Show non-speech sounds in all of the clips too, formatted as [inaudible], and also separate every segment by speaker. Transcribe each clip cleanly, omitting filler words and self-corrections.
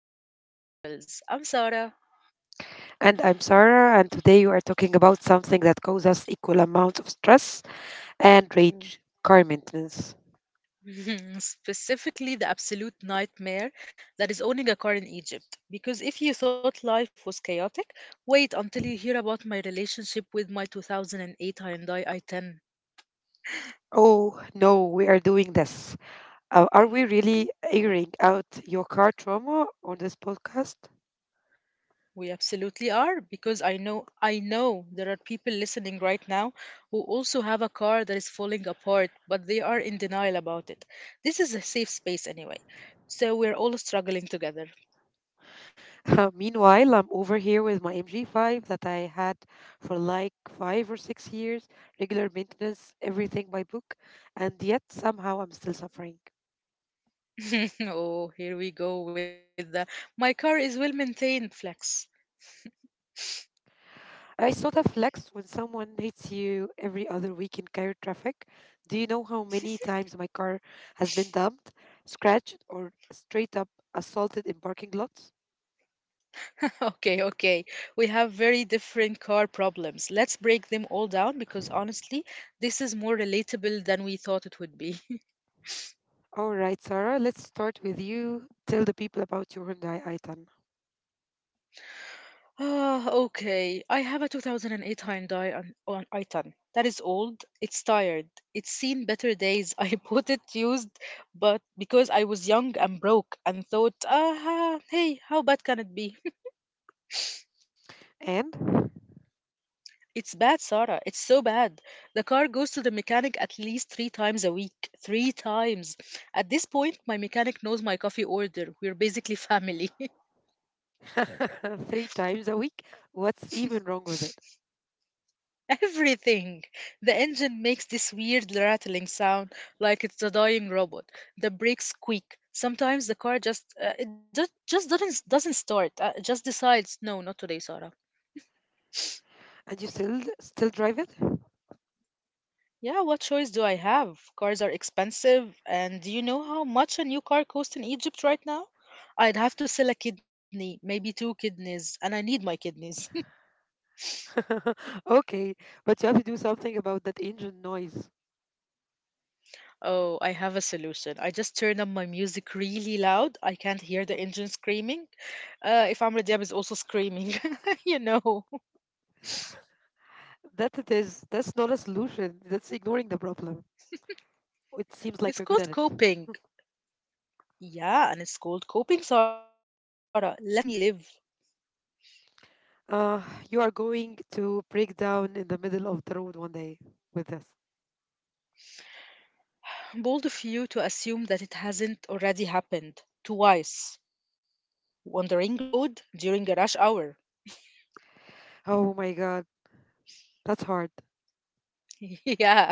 Speaker 1: and Sora Chaos Chronicles. I'm Sora.
Speaker 2: And I'm Sarah, and today we are talking about something that causes equal amounts of stress and rage car maintenance.
Speaker 1: Mm. [laughs] Specifically, the absolute nightmare that is owning a car in Egypt. Because if you thought life was chaotic, wait until you hear about my relationship with my 2008 Hyundai i10.
Speaker 2: Oh no, we are doing this. Are we really airing out your car trauma on this podcast?
Speaker 1: We absolutely are, because I know there are people listening right now who also have a car that is falling apart, but they are in denial about it. This is a safe space anyway, so we're all struggling together.
Speaker 2: [laughs] Meanwhile, I'm over here with my MG5 that I had for like 5 or 6 years, regular maintenance, everything by book, and yet somehow I'm still suffering.
Speaker 1: [laughs] Oh, here we go with the my car is well maintained flex.
Speaker 2: I saw the flex when someone hits you every other week in Cairo traffic. Do you know how many times my car has been dumped, scratched, or straight up assaulted in parking lots?
Speaker 1: [laughs] Okay, okay. We have very different car problems. Let's break them all down because honestly, this is more relatable than we thought it would be. [laughs]
Speaker 2: All right, Sarah, let's start with you. Tell the people about your Hyundai i10.
Speaker 1: Okay. I have a 2008 Hyundai on i10. That is old. It's tired. It's seen better days. [laughs] I bought it used, but because I was young and broke and thought, hey, how bad can it be? It's bad, Sarah. It's so bad. The car goes to the mechanic at least three times a week. Three times. At this point, my mechanic knows my coffee order. We're basically family.
Speaker 2: And [laughs] 3 times a week? What's even wrong with it?
Speaker 1: [laughs] Everything. The engine makes this weird rattling sound like it's a dying robot. The brakes squeak. Sometimes the car just doesn't start. It just decides, no, not today, Sarah.
Speaker 2: And you still drive it?
Speaker 1: Yeah, what choice do I have? Cars are expensive, and do you know how much a new car costs in Egypt right now? I'd have to sell a kidney, maybe two kidneys, and I need my kidneys. [laughs]
Speaker 2: [laughs] Okay, but you have to do something about that engine noise.
Speaker 1: Oh, I have a solution. I just turn up my music really loud. I can't hear the engine
Speaker 2: [laughs]
Speaker 1: screaming. If Amr Diab is also screaming, [laughs] you know.
Speaker 2: That it is. That's not a solution. That's ignoring the problem. It seems like you're good
Speaker 1: It's
Speaker 2: at
Speaker 1: called
Speaker 2: it.
Speaker 1: coping. Yeah, and it's called coping, Sarah. Let me live.
Speaker 2: Uh, you are going to break down in the middle of the road one day with this.
Speaker 1: Bold of you to assume that it hasn't already happened twice. Wandering road during a rush hour.
Speaker 2: Oh my God, that's hard.
Speaker 1: [laughs] Yeah.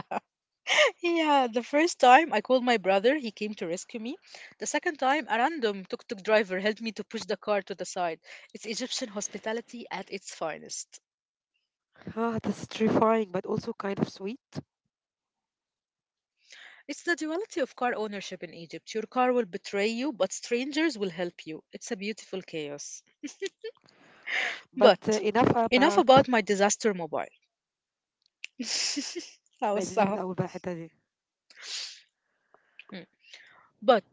Speaker 1: Yeah, the first time I called my brother, he came to rescue me. The second time, a random tuk tuk driver helped me to push the car to the side. It's Egyptian hospitality at its finest.
Speaker 2: Ah, that's terrifying, but also kind of sweet.
Speaker 1: It's the duality of car ownership in Egypt. Your car will betray you, but strangers will help you. It's a beautiful chaos.
Speaker 2: But
Speaker 1: But
Speaker 2: enough
Speaker 1: enough
Speaker 2: about.
Speaker 1: about my disaster mobile. [laughs] I was
Speaker 2: لا، من
Speaker 1: sad.
Speaker 2: الأول بقى الحتة دي.
Speaker 1: Mm. But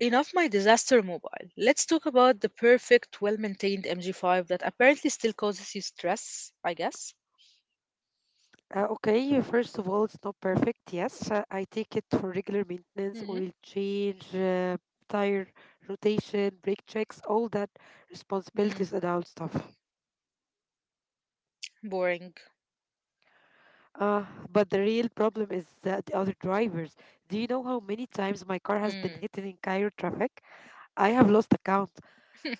Speaker 1: enough my disaster mobile. Let's talk about the perfect, well maintained MG5 that apparently still causes you stress, I guess.
Speaker 2: Okay, first of all, it's not perfect. Yes, I take it for regular maintenance,
Speaker 1: Hmm.
Speaker 2: oil change, tire rotation, brake checks, all that
Speaker 1: Mm.
Speaker 2: responsibilities, adult stuff.
Speaker 1: Boring.
Speaker 2: Uh, but the real problem is the other drivers. Do you know how many times my car has been
Speaker 1: Mm.
Speaker 2: hidden in Cairo traffic? I have lost account.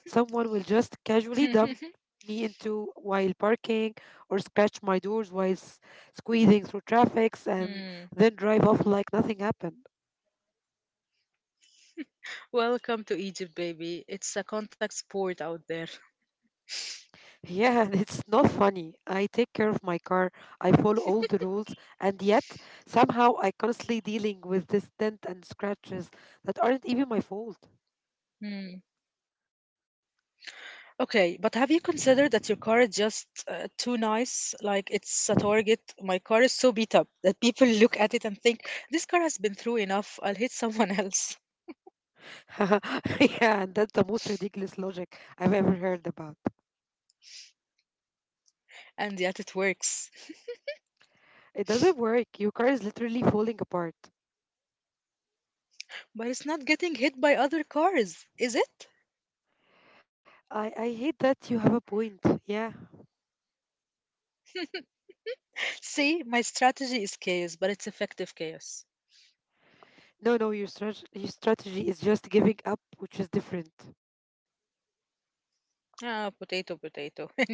Speaker 2: Someone will just casually dump
Speaker 1: [laughs]
Speaker 2: me into while parking or scratch my doors while squeezing through traffics and
Speaker 1: Mm.
Speaker 2: then drive off like nothing happened. [laughs]
Speaker 1: Welcome to Egypt, baby. It's a contact sport out there.
Speaker 2: Yeah, and it's not funny. I take care of my car. I follow all the rules, and yet somehow I constantly dealing with this dent and scratches that aren't even my fault.
Speaker 1: Mm. Okay, but have you considered that your car is just too nice? Like it's a target. My car is so beat up that people look at it and think, this car has been through enough. I'll hit someone else.
Speaker 2: [laughs] Yeah, that's the most ridiculous logic I've ever heard about.
Speaker 1: [laughs] And yet it works.
Speaker 2: It doesn't work. Your car is literally falling apart.
Speaker 1: But it's not getting hit by other cars, is it?
Speaker 2: I hate that you have a point. Yeah.
Speaker 1: [laughs] See, my strategy is chaos, but it's effective chaos.
Speaker 2: No, no, your, strat- Your strategy is just giving up, which is different.
Speaker 1: Potato, potato. [laughs] Anyway.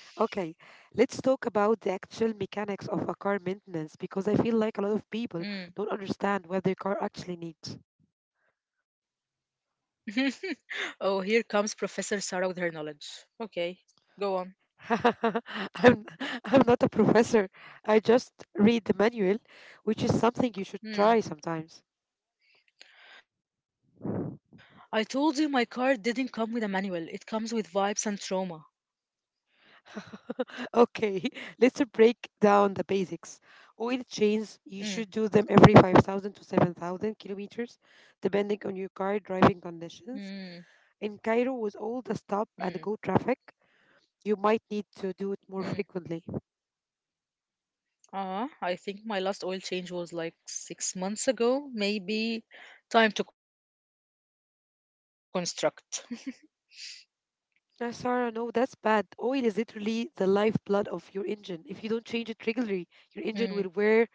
Speaker 2: Okay, let's talk about the actual mechanics of a car maintenance because I feel like a lot of people don't
Speaker 1: Mm.
Speaker 2: understand what their car actually needs.
Speaker 1: [laughs] Oh, here comes Professor Sarah with her knowledge. Okay, go on.
Speaker 2: [laughs] I'm, I'm not a professor. I just read the manual, which is something you should try
Speaker 1: Hmm.
Speaker 2: sometimes.
Speaker 1: I told you my card didn't come with a manual. It comes with vibes and trauma.
Speaker 2: [laughs] Okay, let's break down the basics. Oil changes, you should do them
Speaker 1: Mm.
Speaker 2: every 5,000 to 7,000 kilometers, depending on your car driving
Speaker 1: Mm.
Speaker 2: conditions. In Cairo, with all the stop
Speaker 1: Mm.
Speaker 2: and go traffic, you might need to do it more
Speaker 1: Mm.
Speaker 2: frequently.
Speaker 1: I think my last oil change was like 6 months ago. Maybe time to construct. [laughs]
Speaker 2: Sarah, no, that's bad. Oil is literally the lifeblood of your engine. If you don't change it regularly, your engine will
Speaker 1: Mm.
Speaker 2: wear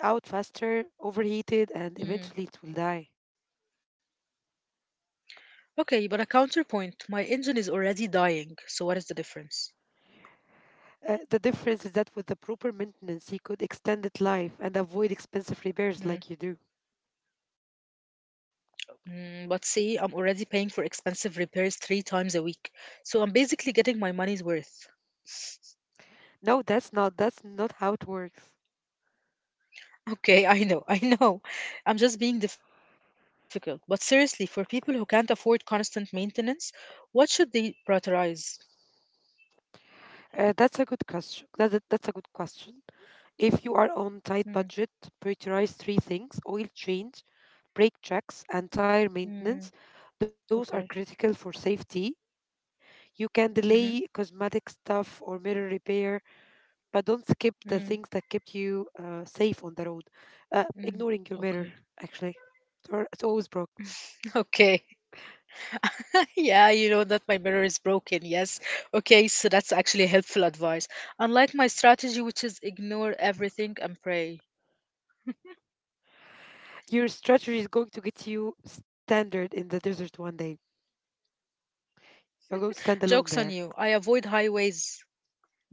Speaker 2: out faster, overheated, and eventually it will
Speaker 1: Mm.
Speaker 2: die.
Speaker 1: Okay, but a counterpoint. My engine is already dying, so what is the difference?
Speaker 2: The difference is that with the proper maintenance, you could extend its life and avoid expensive repairs like you do.
Speaker 1: Mm, but see, I'm already paying for expensive repairs three times a week, so I'm basically getting my money's worth. [laughs]
Speaker 2: That's not how it works.
Speaker 1: Okay, I know. I'm just being difficult. But seriously, for people who can't afford constant maintenance, what should they prioritize?
Speaker 2: That's a good question. If you are on tight budget,
Speaker 1: Mm,
Speaker 2: prioritize 3 things: oil change, brake checks, and tire
Speaker 1: mm,
Speaker 2: maintenance.
Speaker 1: okay.
Speaker 2: Those are critical for safety. You can
Speaker 1: Mm-hmm.
Speaker 2: delay cosmetic stuff or mirror repair but don't skip the things
Speaker 1: Mm,
Speaker 2: that kept you safe on the road. Ignoring your
Speaker 1: mm,
Speaker 2: mirror,
Speaker 1: okay.
Speaker 2: actually, or it's always broke.
Speaker 1: [laughs] Okay. Yeah, you know that my mirror is broken. Yes. Okay, so that's actually helpful advice. Unlike my strategy, which is ignore everything and pray.
Speaker 2: Your strategy is going to get you standard in the desert one day. You're going to stand alone
Speaker 1: Jokes on
Speaker 2: there.
Speaker 1: you. I avoid highways.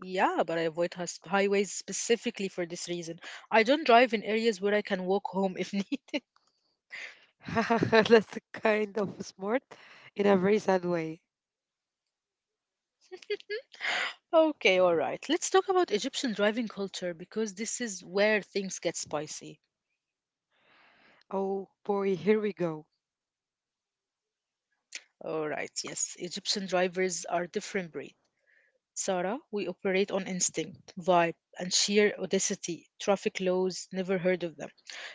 Speaker 1: Yeah, but I avoid highways specifically for this reason. I don't drive in areas where I can walk home if [laughs] needed.
Speaker 2: [laughs] That's kind of smart in a very sad way.
Speaker 1: Okay, all right. Let's talk about Egyptian driving culture because this is where things get spicy.
Speaker 2: Oh boy, here we go.
Speaker 1: All right, yes. Egyptian drivers are different breed. Sarah, we operate on instinct, vibe, and sheer audacity. Traffic laws, never heard of them.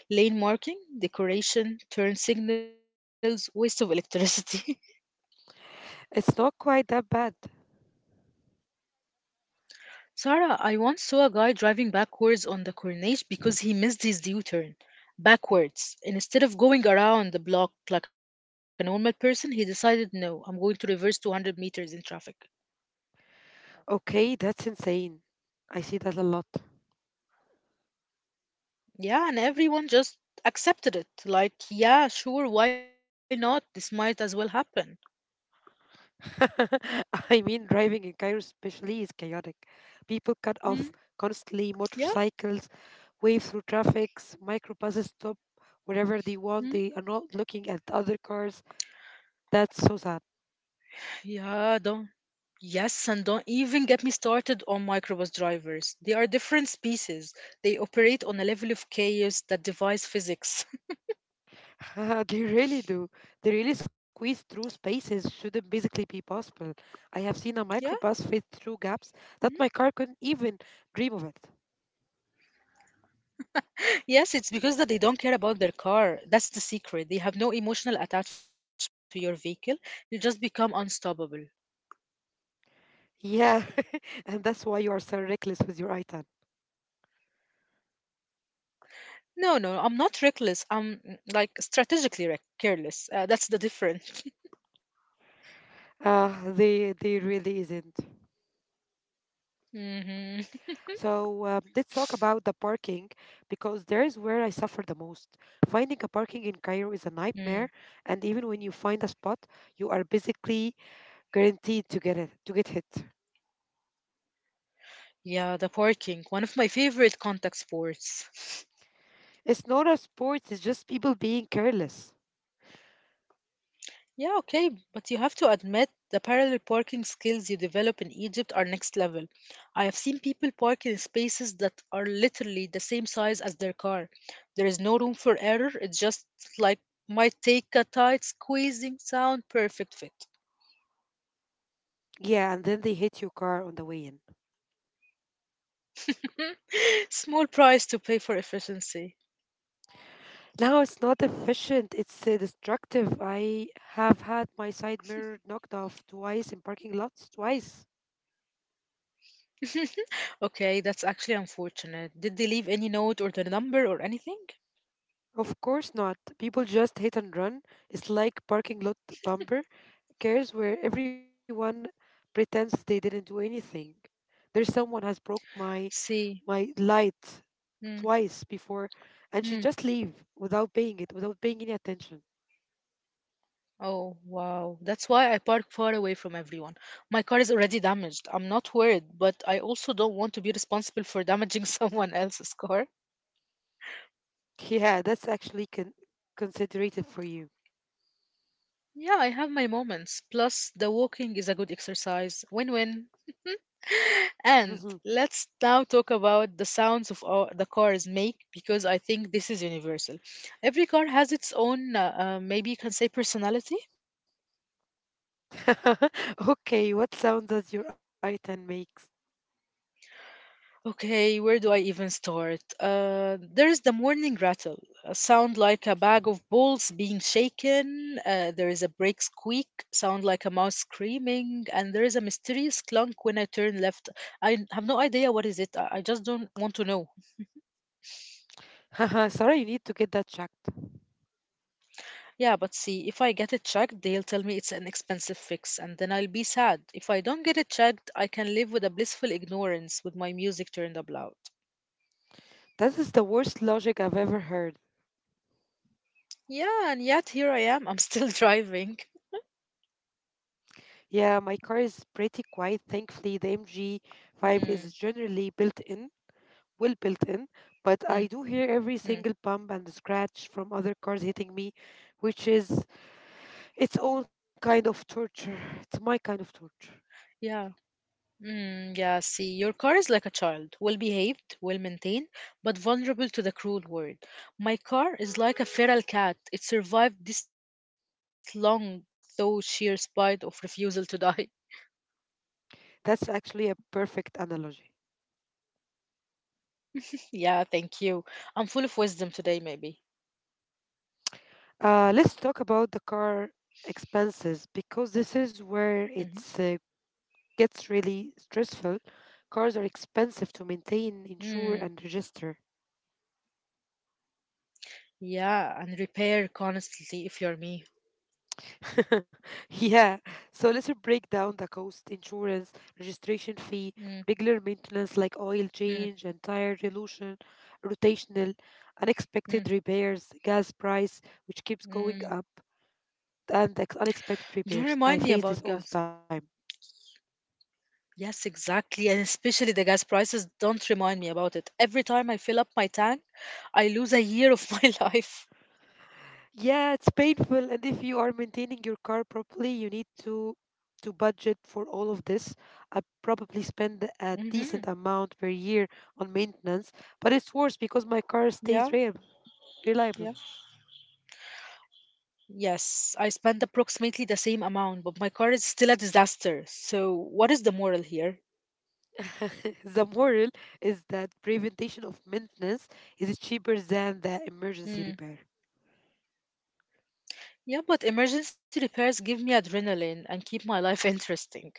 Speaker 1: Lane marking, decoration, turn signals, waste of electricity. [laughs]
Speaker 2: It's not quite that bad.
Speaker 1: Sarah, I once saw a guy driving backwards on the Corniche because he missed his U turn. Backwards. And instead of going around the block like a normal person, he decided, no, I'm going to reverse 200 meters in traffic.
Speaker 2: Okay, that's insane. I see that a lot.
Speaker 1: Yeah, and everyone just accepted it. Like, yeah, sure, why not? This might as well happen.
Speaker 2: [laughs] I mean, driving in Cairo especially is chaotic. People cut
Speaker 1: Mm,
Speaker 2: off constantly,
Speaker 1: yeah.
Speaker 2: motorcycles wave through traffic, microbuses stop wherever they want,
Speaker 1: Hmm.
Speaker 2: they are not looking at other cars. That's so sad.
Speaker 1: Yeah, don't. Yes, and don't even get me started on microbus drivers. They are different species. They operate on a level of chaos that defies physics.
Speaker 2: [laughs] They really do. They really squeeze through spaces shouldn't basically be possible. I have seen
Speaker 1: [laughs]
Speaker 2: a
Speaker 1: Yeah.
Speaker 2: microbus fit through gaps that my car couldn't even dream of it.
Speaker 1: Yes, it's because that they don't care about their car. That's the secret. They have no emotional attachment to your vehicle. You just become unstoppable.
Speaker 2: Yeah, [laughs] and that's why you are so reckless with your item.
Speaker 1: No, no, I'm not reckless. I'm like strategically careless. That's the difference.
Speaker 2: They really isn't.
Speaker 1: [laughs] Hmm.
Speaker 2: So let's talk about the parking because there is where I suffer the most. Finding a parking in Cairo is a nightmare,
Speaker 1: Mm.
Speaker 2: and even when you find a spot, you are basically guaranteed to get it, to get hit.
Speaker 1: Yeah, the parking, one of my favorite contact sports. [laughs]
Speaker 2: It's not a sport; it's just people being careless.
Speaker 1: Yeah, okay, but you have to admit the parallel parking skills you develop in Egypt are next level. I have seen people park in spaces that are literally the same size as their car. There is no room for error, it just like might take a tight squeezing sound perfect fit.
Speaker 2: Yeah, and then they hit your car on the way in.
Speaker 1: [laughs] Small price to pay for efficiency.
Speaker 2: Now it's not efficient; it's destructive. I have had my side mirror knocked off twice in parking lots, twice.
Speaker 1: [laughs] Okay, that's actually unfortunate. Did they leave any note or their number or anything?
Speaker 2: Of course not. People just hit and run. It's like parking lot bumper. Cares where everyone pretends they didn't do anything. There's someone has broke my
Speaker 1: See.
Speaker 2: my light
Speaker 1: Hmm.
Speaker 2: twice before and she
Speaker 1: Hmm.
Speaker 2: just leave without paying it, without paying any attention.
Speaker 1: Oh, wow. That's why I park far away from everyone. My car is already damaged. I'm not worried, but I also don't want to be responsible for damaging [laughs] someone else's car.
Speaker 2: Yeah, that's actually considerate for you.
Speaker 1: Yeah, I have my moments. Plus, the walking is a good exercise. Win win. [laughs] And
Speaker 2: Mhm.
Speaker 1: let's now talk about the sounds of our, the cars make because I think this is universal. Every car has its own, maybe you can say, personality.
Speaker 2: [laughs] Okay, what sound does your item makes?
Speaker 1: Okay, where do I even start? There's the morning rattle, a sound like a bag of balls being shaken. There is a brake squeak, sound like a mouse screaming, and there is a mysterious clunk when I turn left. I have no idea what is it. I just don't want to know.
Speaker 2: [laughs] Sorry, you need to get that checked.
Speaker 1: Yeah, but see, if I get it checked, they'll tell me it's an expensive fix, and then I'll be sad. If I don't get it checked, I can live with a blissful ignorance with my music turned up loud.
Speaker 2: That is the worst logic I've ever heard.
Speaker 1: Yeah, and yet here I am. I'm still [laughs] driving.
Speaker 2: Yeah, my car is pretty quiet. Thankfully, the MG5
Speaker 1: Hmm.
Speaker 2: is generally built in well built in, but I
Speaker 1: Hmm.
Speaker 2: do hear every
Speaker 1: Mm,
Speaker 2: single bump and scratch from other cars hitting me, which is its own kind of torture. It's my kind of torture.
Speaker 1: yeah. Mm, yeah, see, your car is like a child, well behaved, well maintained, but vulnerable to the cruel world. My car is like a feral cat. It survived this long, though sheer spite of refusal to die.
Speaker 2: That's actually a perfect analogy.
Speaker 1: [laughs] Yeah, thank you. I'm full of wisdom today, maybe.
Speaker 2: Let's talk about the car expenses because this is
Speaker 1: Hmm.
Speaker 2: where it uh, gets really stressful. Cars are expensive to
Speaker 1: Mm,
Speaker 2: maintain, insure, and register.
Speaker 1: yeah, and repair constantly if you're me.
Speaker 2: [laughs] Yeah, so let's break down the cost, insurance, registration fee,
Speaker 1: Mm,
Speaker 2: regular maintenance like oil
Speaker 1: mm,
Speaker 2: change and tire dilution, rotational,
Speaker 1: mm,
Speaker 2: unexpected repairs, gas price, which keeps going
Speaker 1: mm.
Speaker 2: up, and unexpected
Speaker 1: Don't
Speaker 2: repairs. I
Speaker 1: remind me
Speaker 2: face this
Speaker 1: about
Speaker 2: all the
Speaker 1: gas.
Speaker 2: time.
Speaker 1: Yes, exactly. And especially the gas prices, don't remind me about it. Every time I fill up my tank, I lose a year of [laughs] my life.
Speaker 2: Yeah, it's painful, and if you are maintaining your car properly, you need to budget for all of this. I probably spend a
Speaker 1: Hmm.
Speaker 2: decent amount per year on maintenance, but it's worse because my car
Speaker 1: Yeah,
Speaker 2: stays rare reliable.
Speaker 1: yeah. Yes, I spend approximately the same amount, but my car is still a disaster. So, what is the moral here?
Speaker 2: [laughs] The moral is that prevention of maintenance is cheaper than the emergency
Speaker 1: Mm.
Speaker 2: repair.
Speaker 1: Yeah, but emergency repairs give me adrenaline and keep my life [laughs] interesting.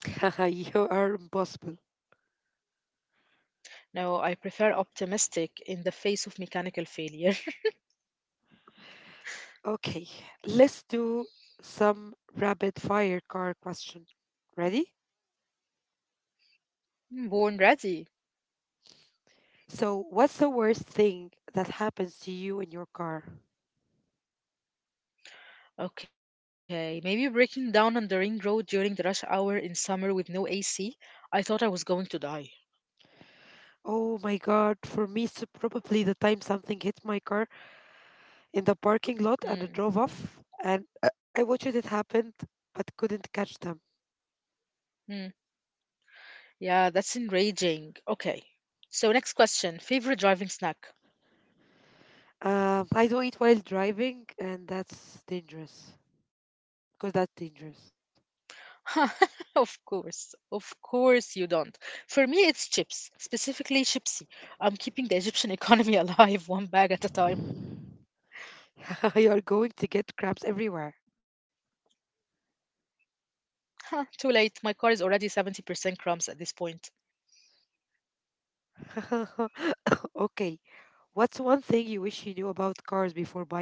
Speaker 2: [laughs] You are impossible.
Speaker 1: No, I prefer optimistic in the face of mechanical failure. [laughs]
Speaker 2: Okay, let's do some rapid fire car question. Ready?
Speaker 1: Born ready.
Speaker 2: So, what's the worst thing that happens to you in your car?
Speaker 1: Okay, maybe breaking down on the ring road during the rush hour in summer with no AC. I thought I was going to die.
Speaker 2: Oh my god, for me, it's probably the time something hit my car in the parking lot and I drove off and I watched it happen but couldn't catch them.
Speaker 1: Mm. Yeah, that's enraging. Okay. So, next question. Favorite driving snack?
Speaker 2: I do not eat while driving, and that's dangerous.
Speaker 1: [laughs] Of course. Of course you don't. For me, it's chips, specifically chipsy. I'm keeping the Egyptian economy [laughs] alive one bag at a time.
Speaker 2: [laughs] You're going to get cramps everywhere.
Speaker 1: Huh, too late. My car is already 70% crumbs at this point.
Speaker 2: [laughs] Okay, what's one thing you wish you knew about cars before buying one?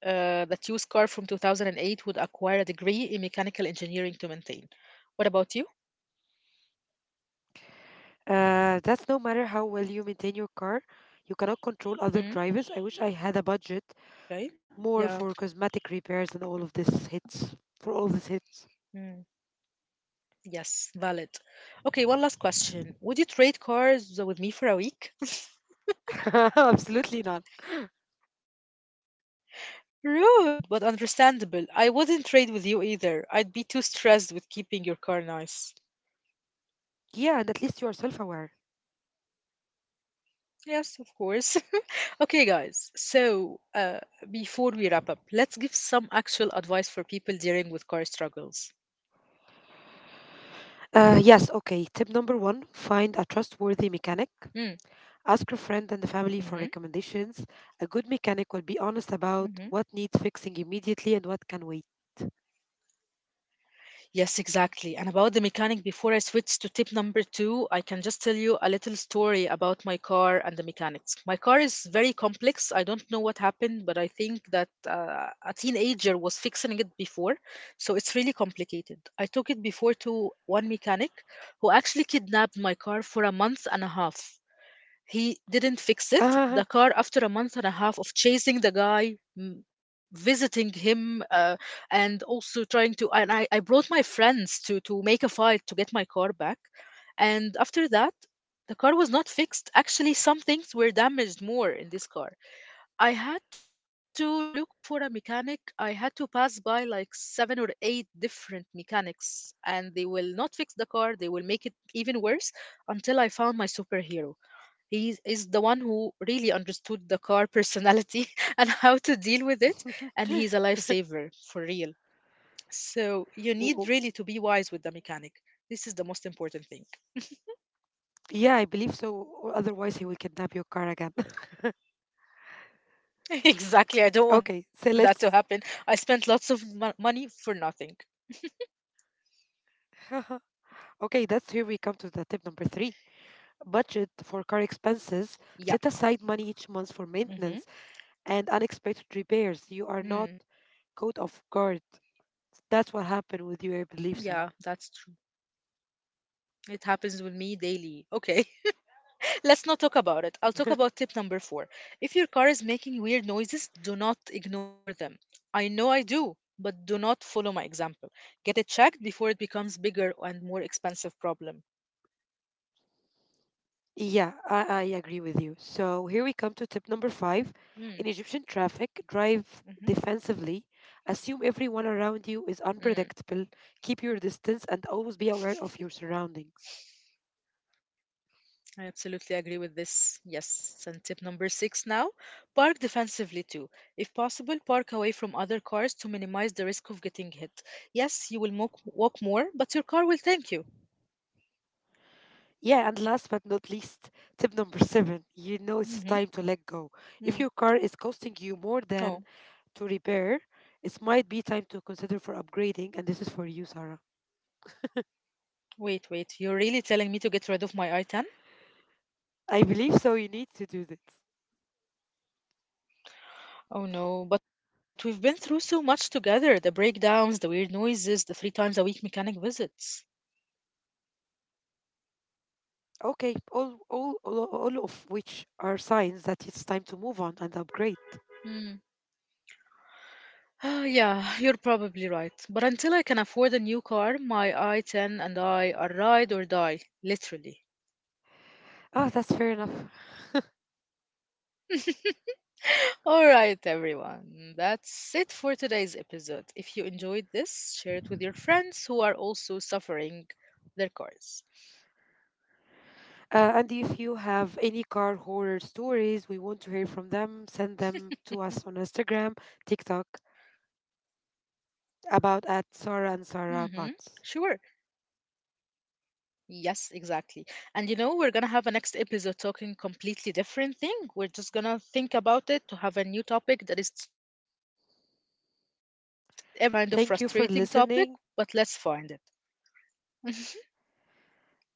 Speaker 1: That used car from 2008 would acquire a degree in mechanical engineering to maintain. What about you?
Speaker 2: That's no matter how well you maintain your car, you cannot control other drivers. I wish I had
Speaker 1: Hmm,
Speaker 2: a budget
Speaker 1: okay.
Speaker 2: more for
Speaker 1: Yeah.
Speaker 2: cosmetic repairs and all of this hits. For all these hits.
Speaker 1: Yes, valid. Okay, one last question. Would you trade cars with me for a week?
Speaker 2: [laughs] Absolutely not.
Speaker 1: [laughs] Rude, but understandable. I wouldn't trade with you either. I'd be too stressed with keeping your car nice.
Speaker 2: Yeah, and at least you are self aware.
Speaker 1: Yes, of course. [laughs] Okay, guys. So, before we wrap up, let's give some actual advice for people dealing with car struggles.
Speaker 2: Yes, okay. Tip number one find a trustworthy mechanic.
Speaker 1: Mm,
Speaker 2: Ask your friend and the family for
Speaker 1: mhm,
Speaker 2: recommendations. A good mechanic will be honest about
Speaker 1: mhm.
Speaker 2: what needs fixing immediately and what can wait.
Speaker 1: Yes, exactly. And about the mechanic, before I switch to tip number two, I can just tell you a little story about my car and the mechanics. My car is very complex. I don't know what happened, but I think that a teenager was fixing it before. So it's really complicated. I took it before to one mechanic who actually kidnapped my car for a month and a half. He didn't fix it. The
Speaker 2: Ah,
Speaker 1: car, after a month and a half of chasing the guy, visiting him, and also trying to, and I brought my friends to make a fight to get my car back. And after that, the car was not fixed. Actually, some things were damaged more in this car. I had to look for a mechanic. I had to pass by like seven or eight different mechanics, and they will not fix the car. They will make it even worse until I found my superhero. He is the one who really understood the car personality [laughs] and how to deal with it, and he's a
Speaker 2: [laughs]
Speaker 1: lifesaver for real. So you
Speaker 2: w-
Speaker 1: need
Speaker 2: w-
Speaker 1: really to be wise with the mechanic. This is the most important thing.
Speaker 2: yeah, I believe so. Or otherwise, he will kidnap your car again. [laughs]
Speaker 1: [laughs] Exactly. I don't
Speaker 2: Okay,
Speaker 1: want that
Speaker 2: so
Speaker 1: to happen.
Speaker 2: let's.
Speaker 1: I spent lots of money for nothing.
Speaker 2: [laughs] Okay, that's here we come to the tip number 3 budget for car expenses. Set
Speaker 1: Yeah.
Speaker 2: aside money each month for
Speaker 1: Mm-hmm.
Speaker 2: maintenance and unexpected repairs. You are not
Speaker 1: Mm,
Speaker 2: caught off guard. That's what happened with you, I believe so.
Speaker 1: yeah, that's true. It happens with me daily. Okay. Let's not talk about it. I'll talk
Speaker 2: [laughs]
Speaker 1: about tip number four. If your car is making weird noises, do not ignore them. I know I do, but do not follow my example. Get it checked before it becomes bigger and more expensive problem.
Speaker 2: Yeah, I agree with you. So here we come to tip number 5. In
Speaker 1: Mm,
Speaker 2: Egyptian traffic, drive
Speaker 1: mhm,
Speaker 2: defensively. Assume everyone around you is
Speaker 1: mm.
Speaker 2: unpredictable. Keep your distance and always be aware of your surroundings.
Speaker 1: I absolutely agree with this. Yes. And tip number six now park defensively too. If possible, park away from other cars to minimize the risk of getting hit. Yes, you will walk more, but your car will thank you.
Speaker 2: Yeah, and last but not least, tip number 7. You know it's time
Speaker 1: Mm-hmm.
Speaker 2: to let go. If your
Speaker 1: Mm.
Speaker 2: car is costing you more than
Speaker 1: Oh,
Speaker 2: to repair, it might be time to consider for upgrading, and this is for you, Sarah.
Speaker 1: You're really telling me to get rid of my i10?
Speaker 2: I believe so. You need to do this.
Speaker 1: Oh no, but we've been through so much together the breakdowns, the weird noises, the three times a week mechanic visits.
Speaker 2: Okay, all of which are signs that it's time to move on and upgrade.
Speaker 1: Hmm. Yeah, you're probably right. But until I can afford a new car, my i10 and I are ride or die, literally.
Speaker 2: Ah, that's fair enough.
Speaker 1: [laughs] All right, everyone. That's it for today's episode. If you enjoyed this, share it with your friends who are also suffering their cars.
Speaker 2: And if you have any car horror stories, we want to hear from them. Send them to us on Instagram, TikTok, about at Sarah and
Speaker 1: Mm-hmm.
Speaker 2: Sarah
Speaker 1: Sure.
Speaker 2: Bots.
Speaker 1: Yes, exactly. And you know, we're gonna have a next episode talking completely different thing. We're just gonna think about it to have a new topic that is everyone is struggling with, maybe a kind of
Speaker 2: Thank you for
Speaker 1: frustrating
Speaker 2: listening.
Speaker 1: topic, but let's find it. [laughs]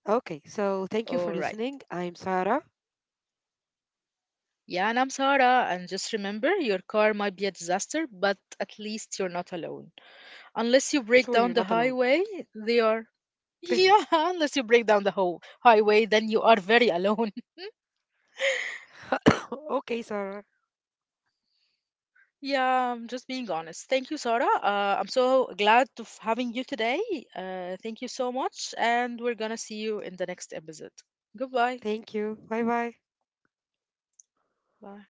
Speaker 2: Okay, so thank you for
Speaker 1: All right.
Speaker 2: listening. I'm Sarah.
Speaker 1: Yeah, and I'm Sarah, and just remember, your car might be a disaster, but at least you're not alone. Unless you
Speaker 2: Sure,
Speaker 1: break
Speaker 2: you're
Speaker 1: down
Speaker 2: not
Speaker 1: the
Speaker 2: alone.
Speaker 1: highway, they are. [laughs] Yeah, unless you break down the whole highway, then you are very alone.
Speaker 2: [laughs] Okay, Sarah.
Speaker 1: Yeah, I'm just being honest. Thank you, Sarah. I'm so glad to having you today. Thank you so much, and we're gonna see you in the next episode. Goodbye.
Speaker 2: Thank you. Bye bye.
Speaker 1: Bye.